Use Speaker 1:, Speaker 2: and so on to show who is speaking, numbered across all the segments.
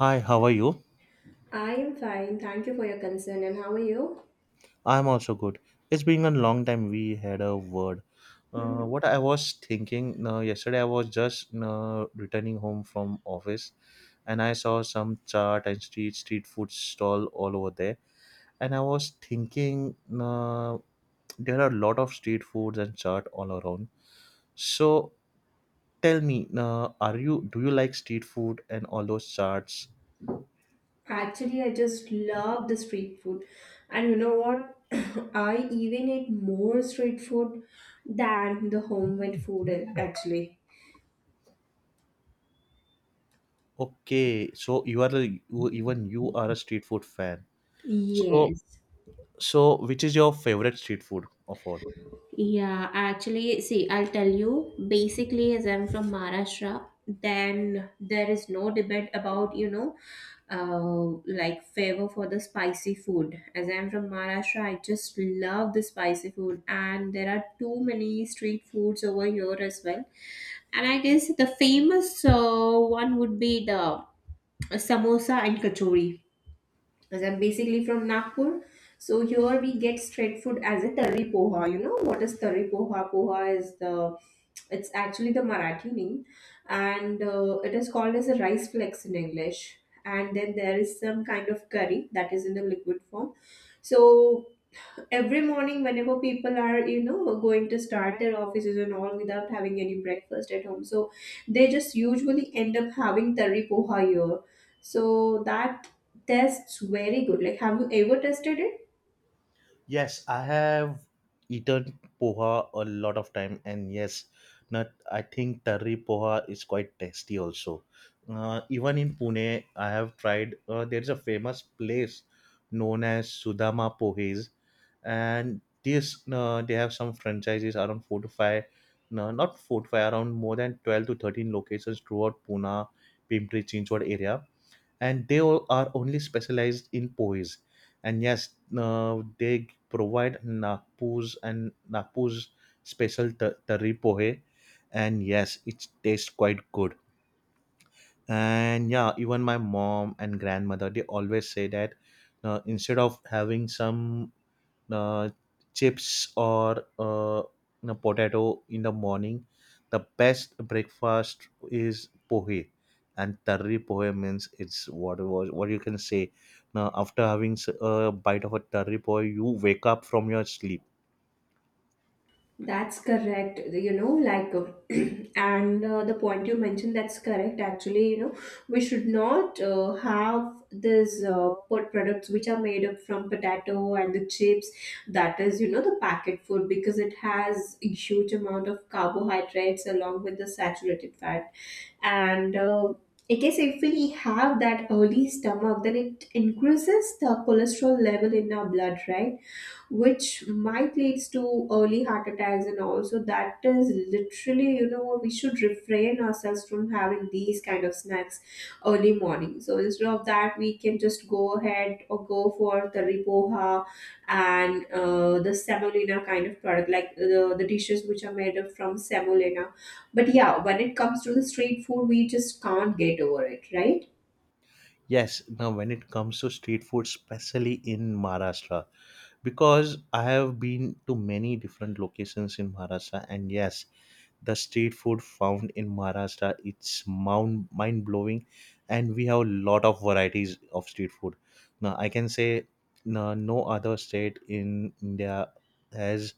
Speaker 1: Hi, how are you?
Speaker 2: I am fine. Thank you for your concern. And how are you?
Speaker 1: I'm also good. It's been a long time we had a word.
Speaker 2: Hmm.
Speaker 1: What I was thinking yesterday, I was just returning home from office, and I saw some chart and street food stall all over there. And I was thinking uh, there are a lot of street foods and chart all around. So tell me, are you do you like street food and all those charts?
Speaker 2: Actually, I just love the street food. And you know what? I even eat more street food than the homemade food, actually.
Speaker 1: Okay, so you are a, you, even you are a street food fan. So
Speaker 2: Yes.
Speaker 1: So, which is your favorite street food of all?
Speaker 2: Yeah, actually, see, I'll tell you. Basically, as I'm from Maharashtra, then there is no debate about, like favor for the spicy food. As I'm from Maharashtra, I just love the spicy food, and there are too many street foods over here as well. And I guess the famous one would be the samosa and kachori, as I'm basically from Nagpur. So here we get street food as a tari poha. You know what is tari poha? Poha is the it's actually the Marathi name, and it is called as a rice flakes in English. And then there is some kind of curry that is in the liquid form. So every morning, whenever people are, you know, going to start their offices and all without having any breakfast at home, so they just usually end up having tari poha here. So that tests very good. Like, have you ever tested it?
Speaker 1: Yes, I have eaten poha a lot of time, and yes, not I think tarri poha is quite tasty also. Even in Pune, I have tried. There is a famous place known as Sudama Pohes, and this they have some franchises around four to five, no, not four to five, around more than 12 to 13 locations throughout Pune, Pimpri Chinchwad area and they all are only specialized in poise. And yes, they provide Nagpur's special tari pohe, and yes, it tastes quite good. And yeah, even my mom and grandmother they always say that instead of having some uh, chips or potato in the morning. The best breakfast is pohe, and tarri pohe means it's what was what you can say. Now, after having a bite of a tarri pohe, you wake up from your sleep.
Speaker 2: That's correct. You know, like, and the point you mentioned, that's correct. Actually, you know, we should not have these food products which are made up from potato and the chips. That is, you know, the packet food, because it has a huge amount of carbohydrates along with the saturated fat. And I guess if we have that early stomach, then it increases the cholesterol level in our blood, right? Which might leads to early heart attacks and all, so that is literally, you know, we should refrain ourselves from having these kind of snacks early morning. So instead of that, we can just go ahead or go for the ripoha and the semolina kind of product, like the dishes which are made of from semolina. But yeah, when it comes to the street food, we just can't get over it, right?
Speaker 1: Yes, now when it comes to street food, especially in Maharashtra, because I have been to many different locations in Maharashtra, and yes, the street food found in Maharashtra it's mind blowing and we have a lot of varieties of street food. Now I can say no other state in India has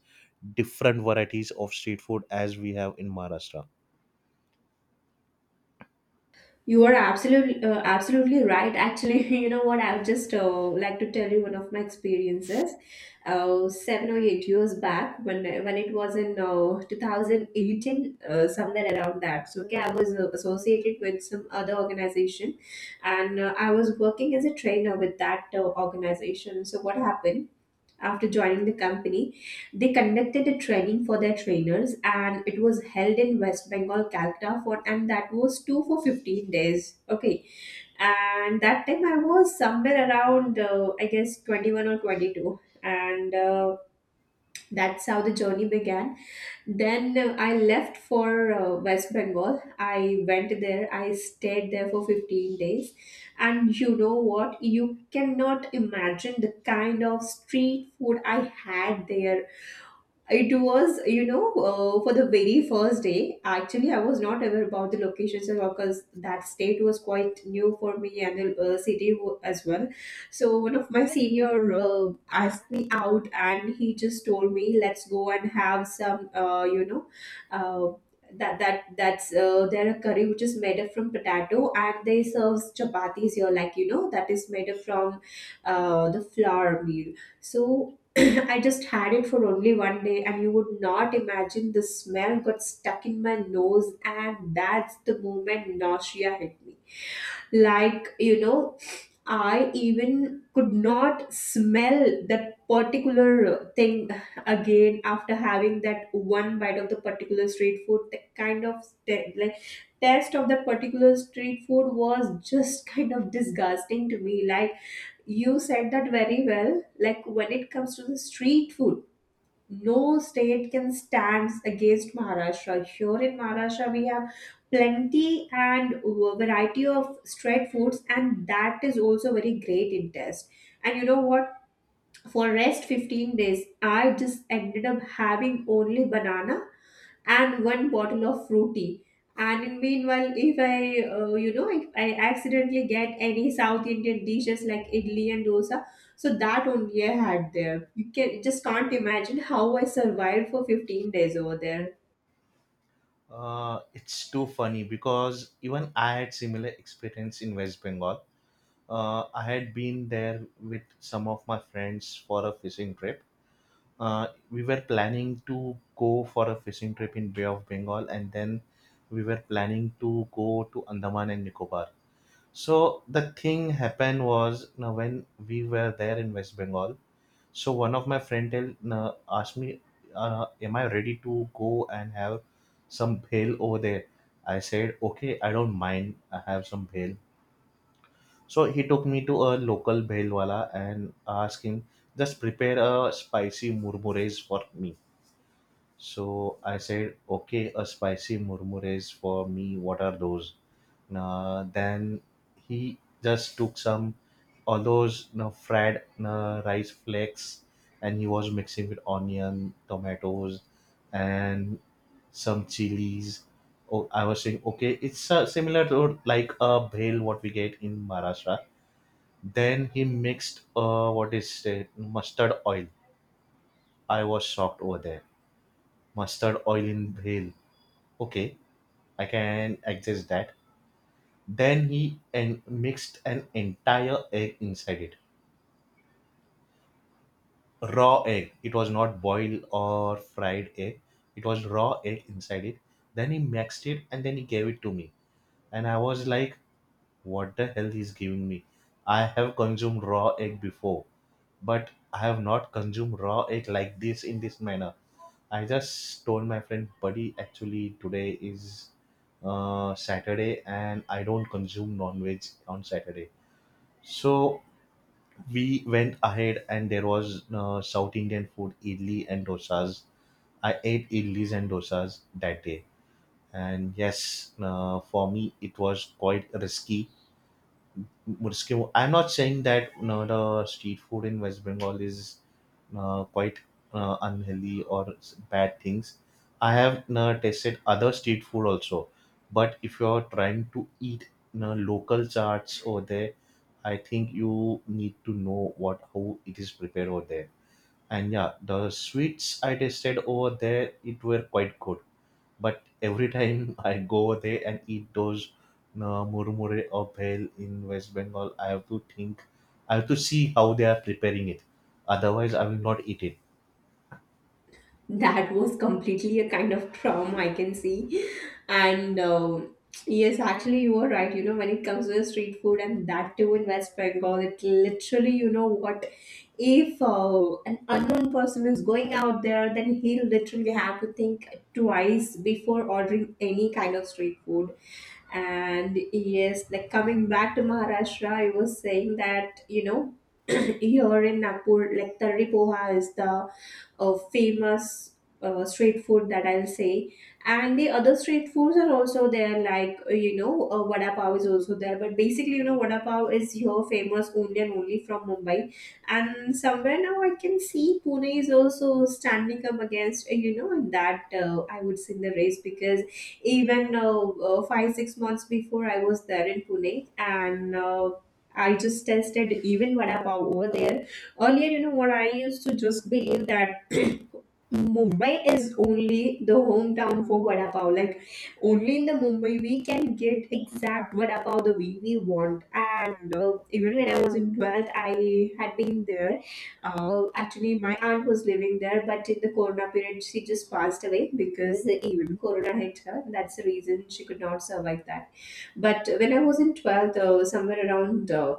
Speaker 1: different varieties of street food as we have in Maharashtra.
Speaker 2: You are absolutely absolutely right. Actually, you know what? I would just like to tell you one of my experiences. 7 or 8 years back, when it was in 2018, somewhere around that. So okay, I was associated with some other organization, and I was working as a trainer with that organization. So what happened? After joining the company, they conducted a training for their trainers, and it was held in West Bengal, Calcutta, for and that was two for 15 days. Okay. And that time I was somewhere around, I guess, 21 or 22, and that's how the journey began. Then I left for West Bengal. I went there. I stayed there for 15 days. And you know what? You cannot imagine the kind of street food I had there. It was, you know, for the very first day, actually, I was not aware about the locations at all, because that state was quite new for me, and the as well. So one of my senior asked me out, and he just told me, "Let's go and have some, you know, uh, that that that's there a curry which is made up from potato, and they serves chapatis here, like, you know, that is made up from the flour meal." So I just had it for only one day, and you would not imagine, the smell got stuck in my nose, and that's the moment nausea hit me. Like, you know, I even could not smell that particular thing again after having that one bite of the particular street food. The kind of like taste of that particular street food was just kind of disgusting to me. Like, you said that very well. Like, when it comes to the street food, no state can stand against Maharashtra. Here in Maharashtra, we have plenty and variety of street foods, and that is also very great in taste. And you know what? For rest 15 days, I just ended up having only banana and one bottle of fruity. And in meanwhile, if I, you know, if I accidentally get any South Indian dishes like idli and dosa, so that only I had there. You can just can't imagine how I survived for 15 days over there.
Speaker 1: It's too funny because even I had similar experience in West Bengal. I had been there with some of my friends for a fishing trip. We were planning to go for a fishing trip in Bay of Bengal, and then we were planning to go to Andaman and Nicobar. So the thing happened was, now when we were there in West Bengal, so one of my friend tell, now asked me, "Am I ready to go and have some bhel over there?" I said, "Okay, I don't mind. I have some bhel." So he took me to a local bhel wala and asked him, "Just prepare a spicy murmures for me." So I said, okay, a spicy murmures for me. What are those? Nah, then he just took some all those fried, rice flakes and he was mixing with onion, tomatoes, and some chilies. Oh, I was saying, okay, it's similar to like a bhel what we get in Maharashtra. Then he mixed what is it, mustard oil. I was shocked over there. Mustard oil in bhel. Okay, I can adjust that. Then he and mixed an entire egg inside it. Raw egg. It was not boiled or fried egg. It was raw egg inside it. Then he mixed it and then he gave it to me. And I was like, what the hell he's giving me? I have consumed raw egg before, but I have not consumed raw egg like this in this manner. I just told my friend, buddy, actually today is Saturday and I don't consume non veg on Saturday. So we went ahead and there was South Indian food, idli and dosas. I ate idlis and dosas that day. And yes, for me, it was quite risky. Murski, I'm not saying that, the street food in West Bengal is quite unhealthy or bad things. I have tasted other street food also, but if you're trying to eat, local charts over there, I think you need to know what how it is prepared over there. And yeah, the sweets I tasted over there, it were quite good, but every time I go there and eat those murmure or bhel in West Bengal, I have to think, I have to see how they are preparing it. Otherwise, I will not eat it.
Speaker 2: That was completely a kind of trauma, I can see. And yes, actually, you are right. You know, when it comes to the street food and that too in West Bengal, it literally, you know what, if an unknown person is going out there, then he'll literally have to think twice before ordering any kind of street food. And yes, like, coming back to Maharashtra, I was saying that, you know, here in Nagpur, like, Tari Poha is the famous street food, that I'll say. And the other street foods are also there, like, you know, vada pav is also there. But basically, you know, vada pav is here famous only and only from Mumbai. And somewhere now, I can see Pune is also standing up against, you know, in that, I would say, in the race, because even 5 6 months before I was there in Pune. And. I just tested even vada pav over there. Earlier, you know what, I used to just believe that Mumbai is only the hometown for vada pav. Like, only in the Mumbai we can get exact vada pav the way we want. And Even when I was in 12th, I had been there. Actually, my aunt was living there, but in the corona period, she just passed away because even corona hit her. That's the reason she could not survive that. But when I was in 12th, somewhere around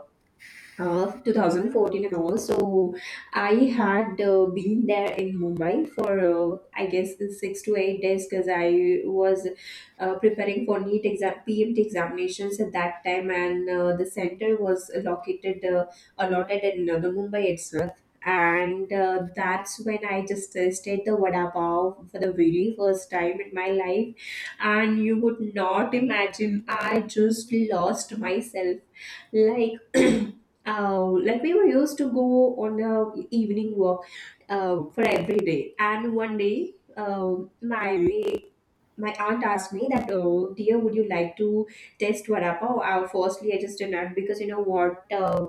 Speaker 2: of 2014 and all. So I had been there in Mumbai for, I guess, 6 to 8 days, because I was preparing for NEET exam, PMT examinations at that time, and the center was located allotted in the Mumbai itself. And That's when I just tasted the vada pav for the very first time in my life, and you would not imagine, I just lost myself, like, like, we were used to go on a evening walk for every day. And one day, my my aunt asked me that, oh dear, would you like to test vada pav? Firstly, I just denied, because, you know what,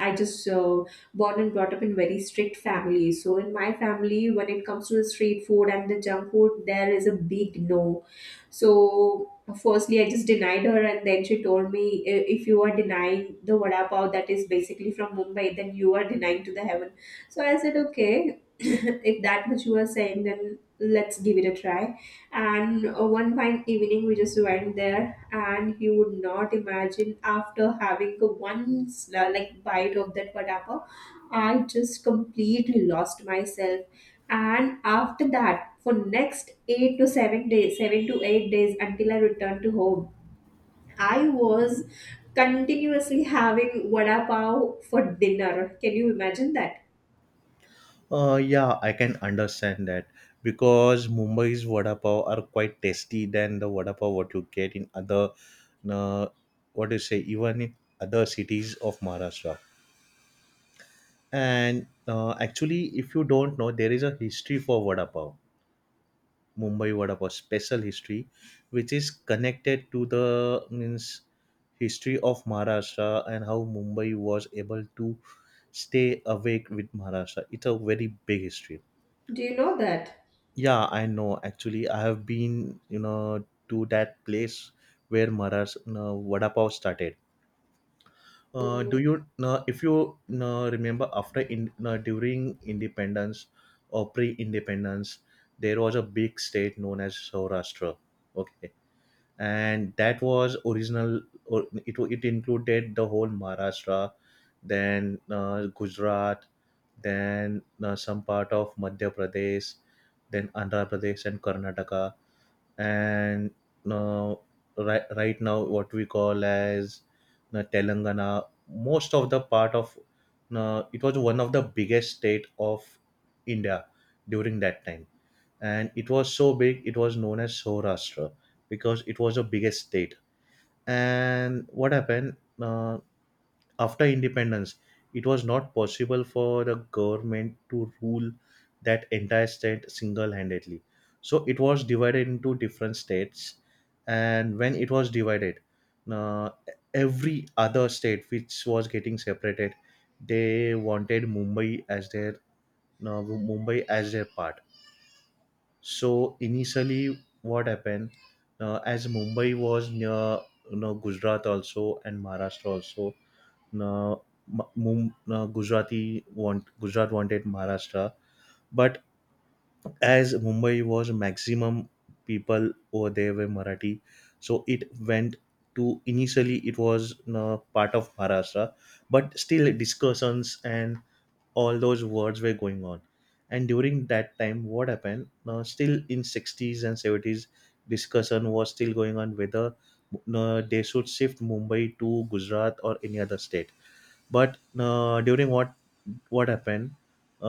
Speaker 2: I just born and brought up in very strict family. So in my family, when it comes to the street food and the junk food, there is a big no. So firstly, I just denied her, and then she told me, If you are denying the vada pav that is basically from Mumbai, then you are denying to the heaven." So I said, okay, if that much you are saying, then let's give it a try. And One fine evening, we just went there, and you would not imagine, after having a like bite of that vada pav, I just completely lost myself. And after that, for next 8 to 7 days, 7 to 8 days, until I returned to home, I was continuously having vada pav for dinner. Can you imagine that?
Speaker 1: Yeah, I can understand that because Mumbai's vada pav are quite tasty than the vada pav what you get in other, uh, what do you say, even in other cities of Maharashtra. And actually, if you don't know, there is a history for vada pav. Mumbai Vada Pav special history, which is connected to the means history of Maharashtra and how Mumbai was able to stay awake with Maharashtra. It's a very big history.
Speaker 2: Do you know that?
Speaker 1: Yeah, I know. Actually, I have been, to that place where Maharashtra Vada Pav started. Do
Speaker 2: So
Speaker 1: you If you remember, after in during independence or pre-independence there was a big state known as Saurashtra. Okay, and that was original or it included the whole Maharashtra, then Gujarat, then some part of Madhya Pradesh, then Andhra Pradesh and Karnataka, and uh, right now what we call as Telangana, most of the part of it. Was one of the biggest state of India during that time, and it was so big it was known as Saurashtra because it was the biggest state. And what happened after independence? It was not possible for the government to rule that entire state single-handedly. So it was divided into different states, and when it was divided, uh, every other state which was getting separated, they wanted Mumbai as their part. So initially, what happened, as Mumbai was near, Gujarat also and Maharashtra also. Now Ma- Mum, Gujarati want Gujarat wanted Maharashtra, but as Mumbai was maximum people over there were Marathi, so it went to, initially it was part of Maharashtra, but still discussions and all those wars were going on, and during that time what happened, still in 60s and 70s discussion was still going on whether they should shift Mumbai to Gujarat or any other state. But during what happened,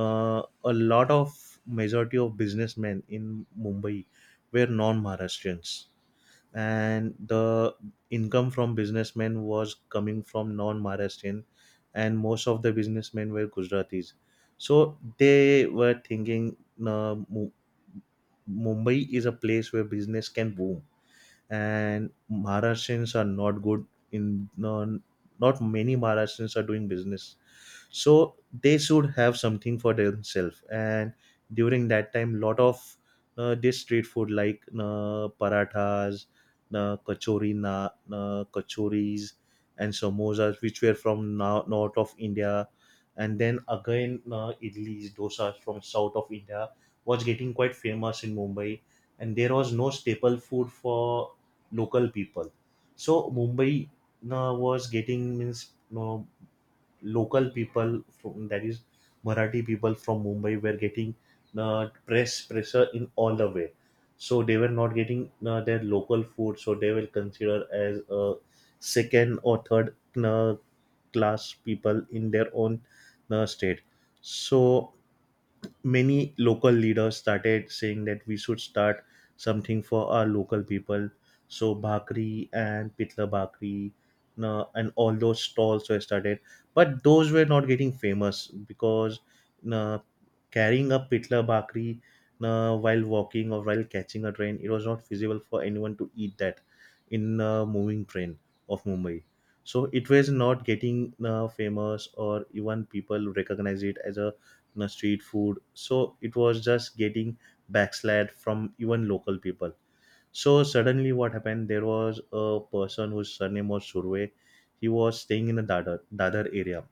Speaker 1: a lot of majority of businessmen in Mumbai were non-Maharashtrians and the income from businessmen was coming from non-Maharashtrian, and most of the businessmen were Gujaratis. So they were thinking, uh, Mu- Mumbai is a place where business can boom, and Maharashtrians are not good in, not many Maharashtrians are doing business, so they should have something for themselves. And during that time, lot of this street food like parathas, kachoris and samosas which were from now north of India, and then again idlis dosas from south of India was getting quite famous in Mumbai, and there was no staple food for local people. So Mumbai was getting means no, local people, from that is Marathi people from Mumbai were getting pressure in all the way. So they were not getting their local food. So they were considered as second or third uh, class people in their own state. So many local leaders started saying that we should start something for our local people. So Bhakri and Pitla Bhakri and all those stalls were started. But those were not getting famous because, na, carrying a Pitla Bhakri, na, while walking or while catching a train, it was not feasible for anyone to eat that in a moving train of Mumbai. So it was not getting famous or even people recognize it as a, the street food. So it was just getting backslid from even local people. So suddenly, what happened? There was a person whose surname was Surve. He was staying in the Dadar area,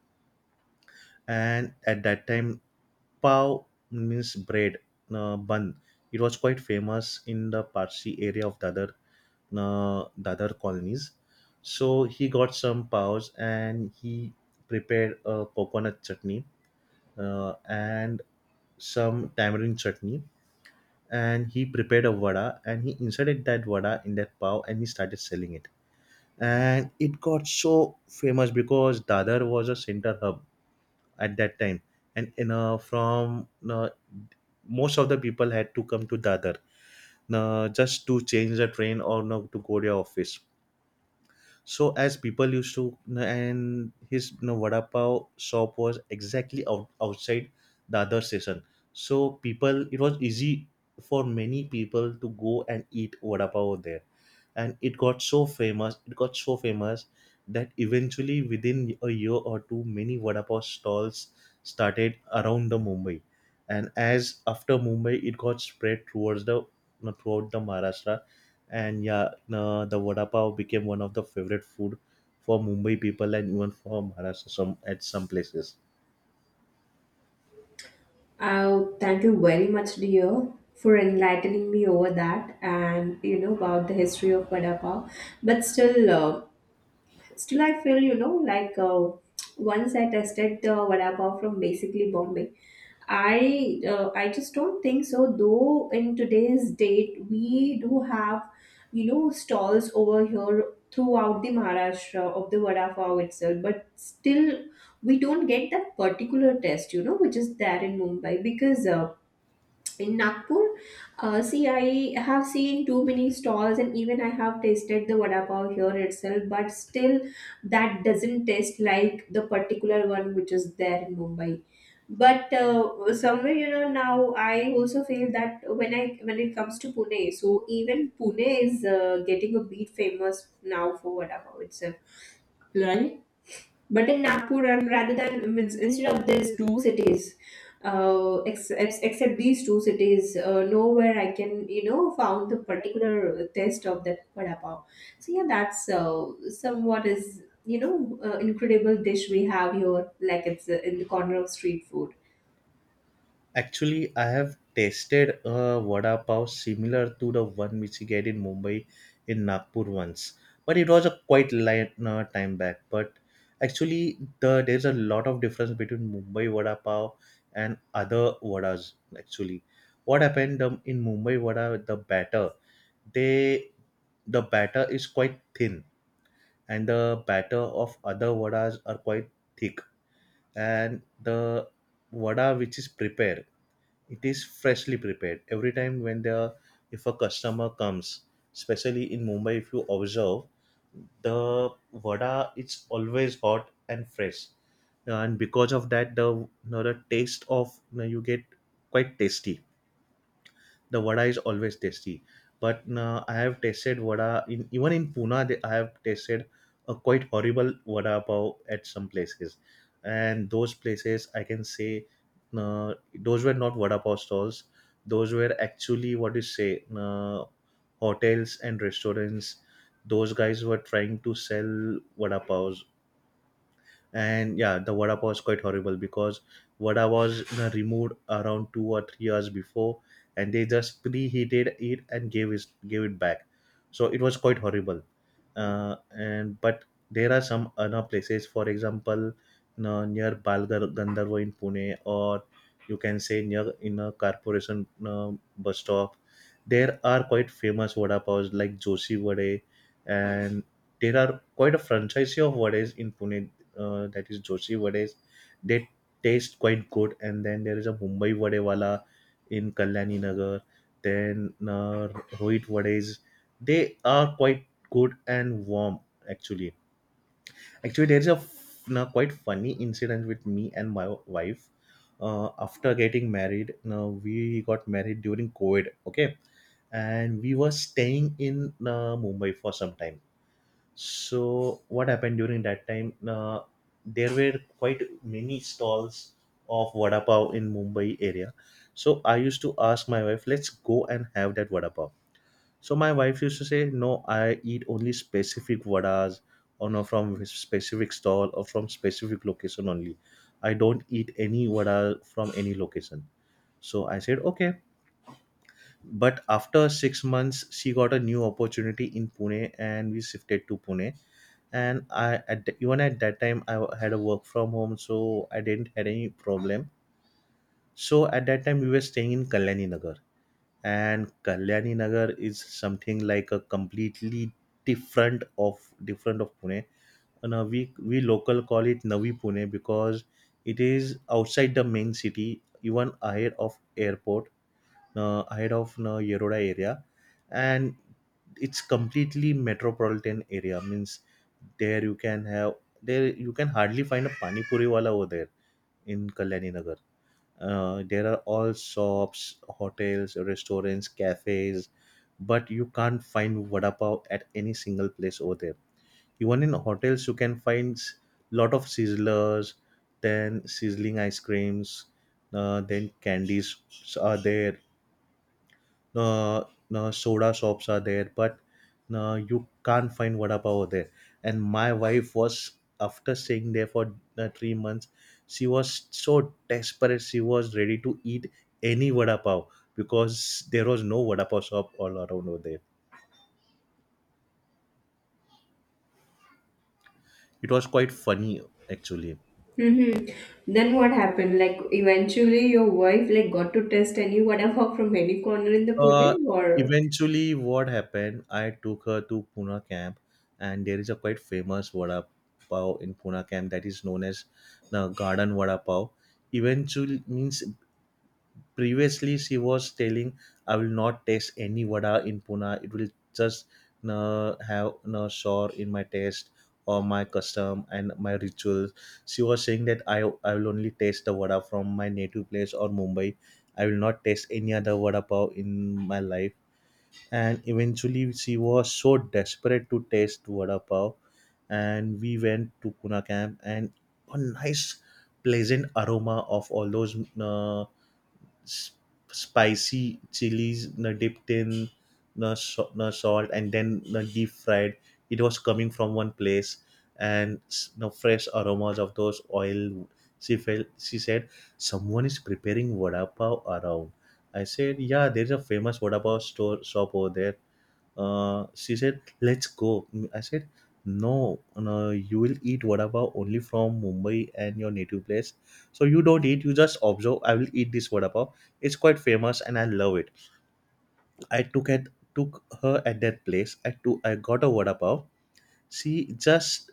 Speaker 1: and at that time, pav means bread, bun. It was quite famous in the Parsi area of Dadar, Dadar colonies. So he got some paos and he prepared a coconut chutney and some tamarind chutney, and he prepared a vada and he inserted that vada in that pav and he started selling it, and it got so famous because Dadar was a center hub at that time, and most of the people had to come to Dadar, just to change the train or, to go to their office. So as people used to, and his, vada pav shop was exactly outside the other station. So people, it was easy for many people to go and eat vada pav over there, and it got so famous. It got so famous that eventually, within a year or two, many vada pav stalls started around the Mumbai, and as after Mumbai, it got spread towards throughout the Maharashtra. And yeah the vada pav became one of the favorite food for Mumbai people and even for Maharashtra some at some places.
Speaker 2: oh, thank you very much, dear, for enlightening me over that and, you know, about the history of vada pav. But still, I feel, you know, like, once I tested the vada pav from basically Bombay, I just don't think so. Though in today's date, we do have, you know, stalls over here throughout the Maharashtra of the vada pav itself, but still we don't get that particular test, you know, which is there in Mumbai. Because. In Nagpur, see, I have seen too many stalls, and even I have tasted the vada pav here itself. But still, that doesn't taste like the particular one which is there in Mumbai. But somewhere, you know, now I also feel that when it comes to Pune, so even Pune is getting a bit famous now for vada pav itself. Right. But in Nagpur, and rather than means instead of these two cities, except these two cities, nowhere I can, you know, found the particular taste of that vada pav. So yeah, that's somewhat is, you know, incredible dish we have here, like, it's in the corner of street food.
Speaker 1: Actually, I have tasted a vada pav similar to the one which you get in Mumbai in Nagpur once, but it was a quite light time back. But actually there's a lot of difference between Mumbai vada pav and other vadas. Actually, what happened, in Mumbai vada the batter, they the batter is quite thin, and the batter of other vadas are quite thick. And the vada which is prepared, it is freshly prepared every time when the, if a customer comes, especially in Mumbai, if you observe the vada, it's always hot and fresh. And because of that the you know, the taste of you, know, you get quite tasty, the vada is always tasty. But I have tasted vada in even in Pune. I have tasted a quite horrible vada pav at some places, and those places I can say those were not vada pav stalls. Those were actually what you say hotels and restaurants. Those guys were trying to sell vada pavs, and yeah, the vada pav is quite horrible because vada was removed around 2 or 3 years before, and they just preheated it and gave it back, so it was quite horrible. And But there are some other places. For example, you know, near Balgar Gandharva in Pune, or you can say near in a corporation bus stop, there are quite famous vada pavs like Joshi Vade, and there are quite a franchise of vades in Pune, that is Joshi Vades. They taste quite good. And then there is a Mumbai Vadewala in Kalyani Nagar. Then Rohit Vades. They are quite good and warm actually. Actually, there is a quite funny incident with me and my wife. After getting married, now we got married during COVID. Okay, and we were staying in Mumbai for some time. So what happened during that time, there were quite many stalls of vada pav in Mumbai area. So I used to ask my wife, let's go and have that vada pav. So my wife used to say, no, I eat only specific vadas, or no, from specific stall or from specific location only. I don't eat any vada from any location. So I said okay. But after 6 months, she got a new opportunity in Pune, and we shifted to Pune. And I at even at that time I had a work from home, so I didn't had any problem. So at that time we were staying in Kalyani Nagar, and Kalyani Nagar is something like a completely different of different of Pune. And we local call it Navi Pune, because it is outside the main city, even ahead of airport, ahead of Yeroda area, and it's completely metropolitan area. Means there you can have, there you can hardly find a pani puri wala over there in Kalyani Nagar. There are all shops, hotels, restaurants, cafes, but you can't find vada pav at any single place over there. Even in hotels, you can find lot of sizzlers, then sizzling ice creams, then candies are there, uh, soda shops are there, but you can't find vada pav there. And my wife was, after staying there for 3 months, she was so desperate. She was ready to eat any vada pav, because there was no vada pav shop all around over there. It was quite funny actually.
Speaker 2: Mm-hmm. Then what happened? Like eventually, your wife like got to test any vada pav from any corner in the
Speaker 1: Uh,
Speaker 2: Pune, or
Speaker 1: eventually, what happened? I took her to Pune camp, and there is a quite famous vada pav in Pune camp that is known as the Garden Vada Pav. Eventually, means previously she was telling, "I will not taste any vada in Pune. It will just have no sore in my taste." Or my custom and my rituals. She was saying that I will only taste the vada from my native place or Mumbai. I will not taste any other vada pav in my life. And eventually she was so desperate to taste vada pav, and we went to Pune camp, and a nice pleasant aroma of all those s- spicy chilies dipped in salt and then deep fried, it was coming from one place. And the fresh aromas of those oil, she felt, she said, someone is preparing vada pav around. I said, yeah, there's a famous vada pav store shop over there. Uh, she said, "Let's go." Mm, I said, "No, no, you will eat vada pav only from Mumbai and your native place. So you don't eat. You just observe. I will eat this vada pav. It's quite famous, and I love it." I took at took her at that place. I got a vada pav. She just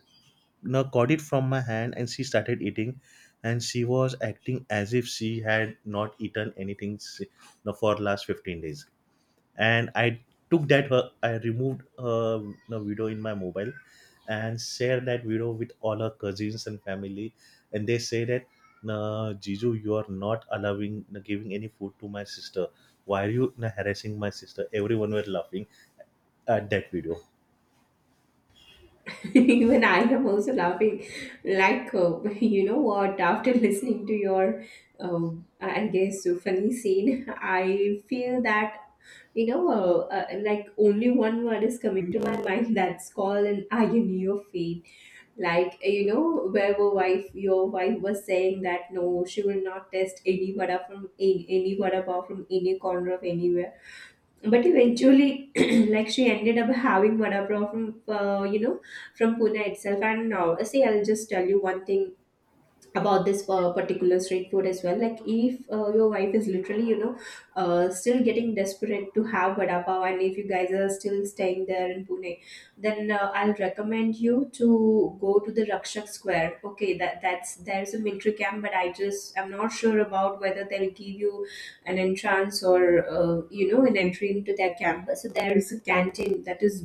Speaker 1: got it from my hand and she started eating, and she was acting as if she had not eaten anything you know, for last 15 days. And I took that her I removed her you video in my mobile, and shared that video with all her cousins and family. And they say that, "No, Jiju, you are not allowing no, giving any food to my sister. Why are you no, harassing my sister?" Everyone were laughing at that video.
Speaker 2: even I am also laughing. Like, you know what? After listening to your, uh, I guess, funny scene, I feel that, you know, like only one word is coming to my mind that's called an irony of fate. Like, you know, where your wife was saying that no, she will not test any vada from any vada pav from any corner of anywhere, but eventually like she ended up having vada pav from, you know, from Pune itself. And see, I'll just tell you one thing about this particular street food as well. Like if your wife is literally, you know, still getting desperate to have vada pav, and if you guys are still staying there in Pune, then I'll recommend you to go to the Rakshak Square. Okay, that's there's a military camp, but I just, I'm not sure about whether they'll give you an entrance, or you know, an entry into their camp. So there is a canteen that is,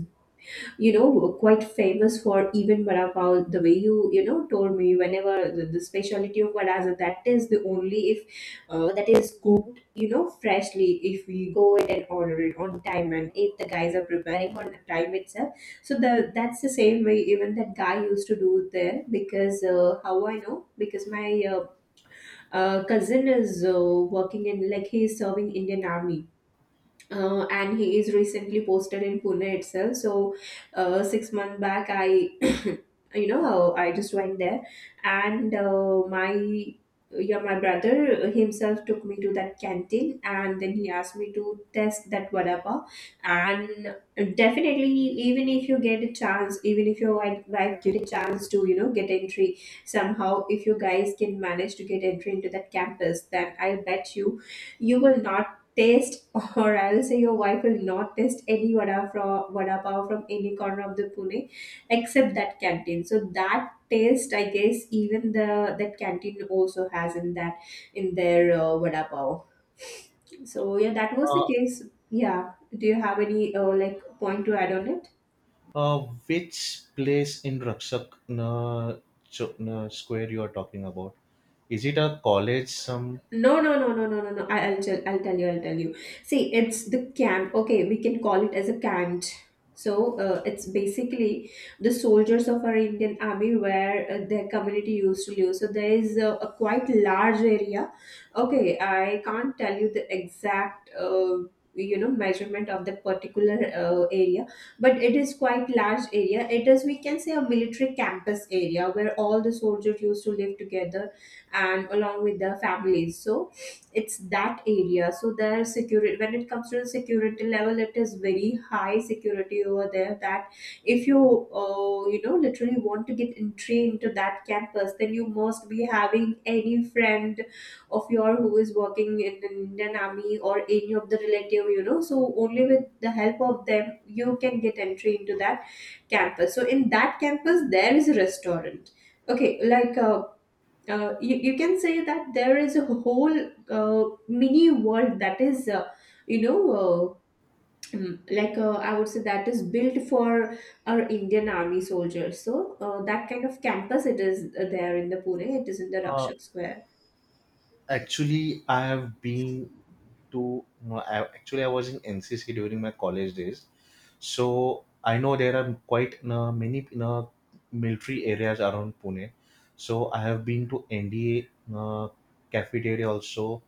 Speaker 2: you know, quite famous for even vada pav the way you, you know, told me whenever the specialty of vadas, and that is the only if that is cooked, you know, freshly, if we go in and order it on time and if the guys are preparing on the time itself. So the that's the same way even that guy used to do there, because how I know, because my uh, cousin is working in, like, he is serving Indian army, and he is recently posted in Pune itself. So, 6 months back, I, you know, I just went there, and my brother himself took me to that canteen, and then he asked me to test that vada pav. And definitely, even if you get a chance, even if your wife get a chance to, you know, get entry somehow, if you guys can manage to get entry into that campus, then I bet you, you will not taste, or I will say, your wife will not taste any vada from vada pav from any corner of the Pune, except that canteen. So that taste, I guess, even the that canteen also has in that in their vada pav. So yeah, that was the
Speaker 1: Uh,
Speaker 2: case. Yeah. Do you have any like point to add on it?
Speaker 1: uh, which place in Rakshak no, Cho- no, square you are talking about? Is it a college some?
Speaker 2: No, no, no, no, no, no, no. I'll tell you, I'll tell you. See, it's the camp. Okay, we can call it as a camp. So it's basically the soldiers of our Indian army where their community used to live. So there is a quite large area. Okay, I can't tell you the exact. You know, measurement of the particular area, but it is quite large area. It is, we can say, a military campus area where all the soldiers used to live together and along with their families. So it's that area. So their security, when it comes to the security level, it is very high security over there, that if you, you know, literally want to get entry into that campus, then you must be having any friend of your who is working in the Indian army or any of the relative, you know. So only with the help of them you can get entry into that campus. So in that campus there is a restaurant. Okay, like you can say that there is a whole mini world that is, you know, like, I would say, that is built for our Indian army soldiers. So that kind of campus it is, there in the Pune. It is in the Rakshak Square.
Speaker 1: Actually, I have been to no, I actually I was in NCC during my college days, so I know there are quite many military areas around Pune. So I have been to NDA uh, cafeteria also,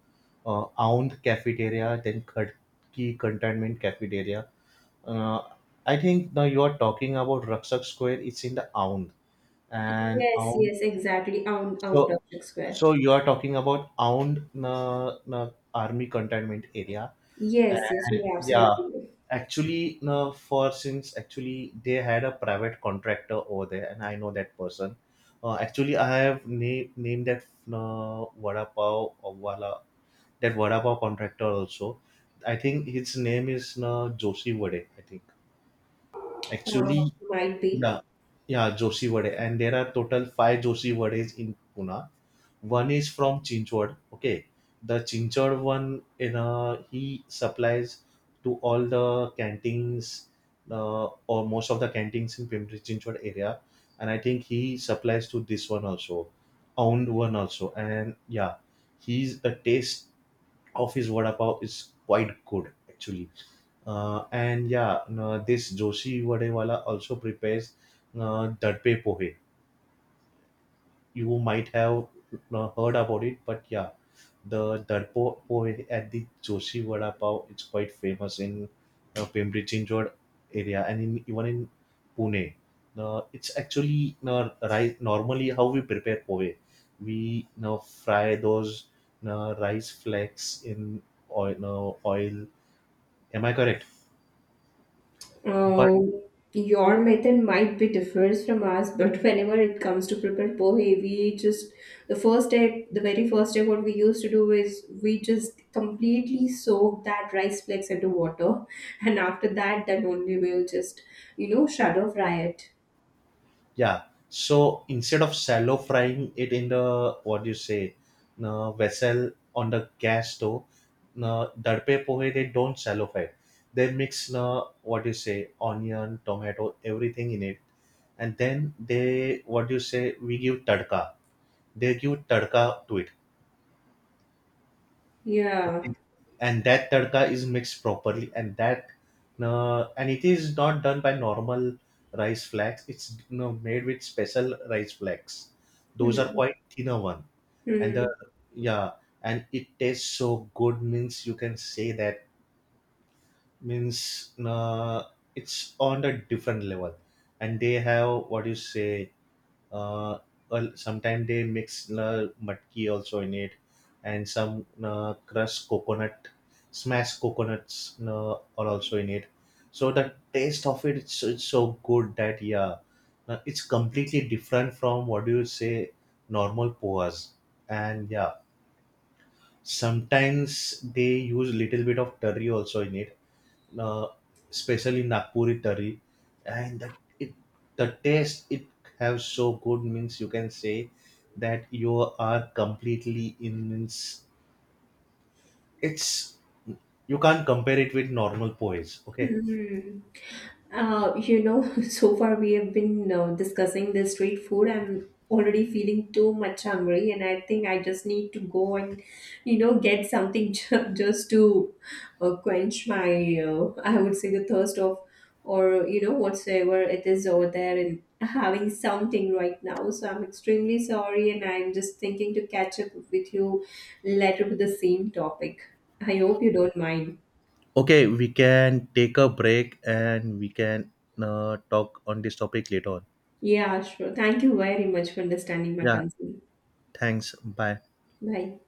Speaker 1: Aund cafeteria, then Khadki cantonment cafeteria. Uh, I think now you are talking about Raksak Square. It's in the Aund, and
Speaker 2: Yes,
Speaker 1: Aund,
Speaker 2: yes, exactly, on
Speaker 1: so,
Speaker 2: Rakshak Square.
Speaker 1: so you are talking about Aund na, na army containment area,
Speaker 2: Yes, yes,
Speaker 1: and
Speaker 2: you're
Speaker 1: yeah,
Speaker 2: absolutely
Speaker 1: actually, for since actually they had a private contractor over there, and I know that person. Actually, I have named that vada pav or wala, that vada pav contractor also. I think his name is na Joshi Vade. I think
Speaker 2: right.
Speaker 1: actually,
Speaker 2: Might be.
Speaker 1: yeah, yeah, Joshi Vade, and there are total five Joshi Vades in Pune. One is from Chinchwad. Okay, the Chinchwad one, you know, he supplies to all the canteens, or most of the canteens in Pimpri Chinchwad area, and I think he supplies to this one also, Ound one also. And yeah, he's the taste of his vada pav is quite good actually. And yeah, no, this Joshi Vadewala also prepares Dadpe Pohe. You might have heard about it, but yeah, the Darpo Poi at the Joshi Vada Pav, it's quite famous in Pimpri Chinchwad area and in even in Pune. It's actually rice. Normally, how we prepare pove, we now fry those rice flakes in oil. Am I correct? But
Speaker 2: Um, your method might be differs from ours, but whenever it comes to prepare pohe, we just the first step, the very first step, what we used to do is we just completely soak that rice flakes into water, and after that, then only we'll just, you know, shadow fry it.
Speaker 1: yeah. So instead of shallow frying it in the what do you say, vessel on the gas stove, darpe pohe, they don't shallow fry. They mix what do you say onion, tomato, everything in it, and then they what do you say we give tadka. They give tadka to it. Okay.
Speaker 2: Yeah.
Speaker 1: And that tadka is mixed properly, and that and it is not done by normal rice flakes. It's you know, made with special rice flakes. Those are
Speaker 2: Hmm.
Speaker 1: quite thinner one, and the,
Speaker 2: Hmm.
Speaker 1: yeah, and it tastes so good. Means you can say that means it's on a different level, and they have what you say uh, sometimes they mix matki also in it, and some crushed coconut, smashed coconuts are also in it. So the taste of it's so good that yeah, it's completely different from what do you say normal poas. And yeah, sometimes they use little bit of curry also in it, uh, especially Nagpuri curry, and that it, the taste it have so good, means you can say that you are completely in, means it's, you can't compare it with normal poise. Okay,
Speaker 2: Hmm. You know, so far we have been discussing the street food. I'm already feeling too much hungry, and I think I just need to go and, you know, get something just to quench my, I would say, the thirst of, or, you know, whatsoever it is over there, and having something right now. So I'm extremely sorry, and I'm just thinking to catch up with you later with the same topic. I hope you don't mind.
Speaker 1: okay, we can take a break and we can talk on this topic later on.
Speaker 2: Yeah, sure. Thank you very much for understanding my
Speaker 1: Yeah,
Speaker 2: concern.
Speaker 1: thanks. Bye.
Speaker 2: Bye.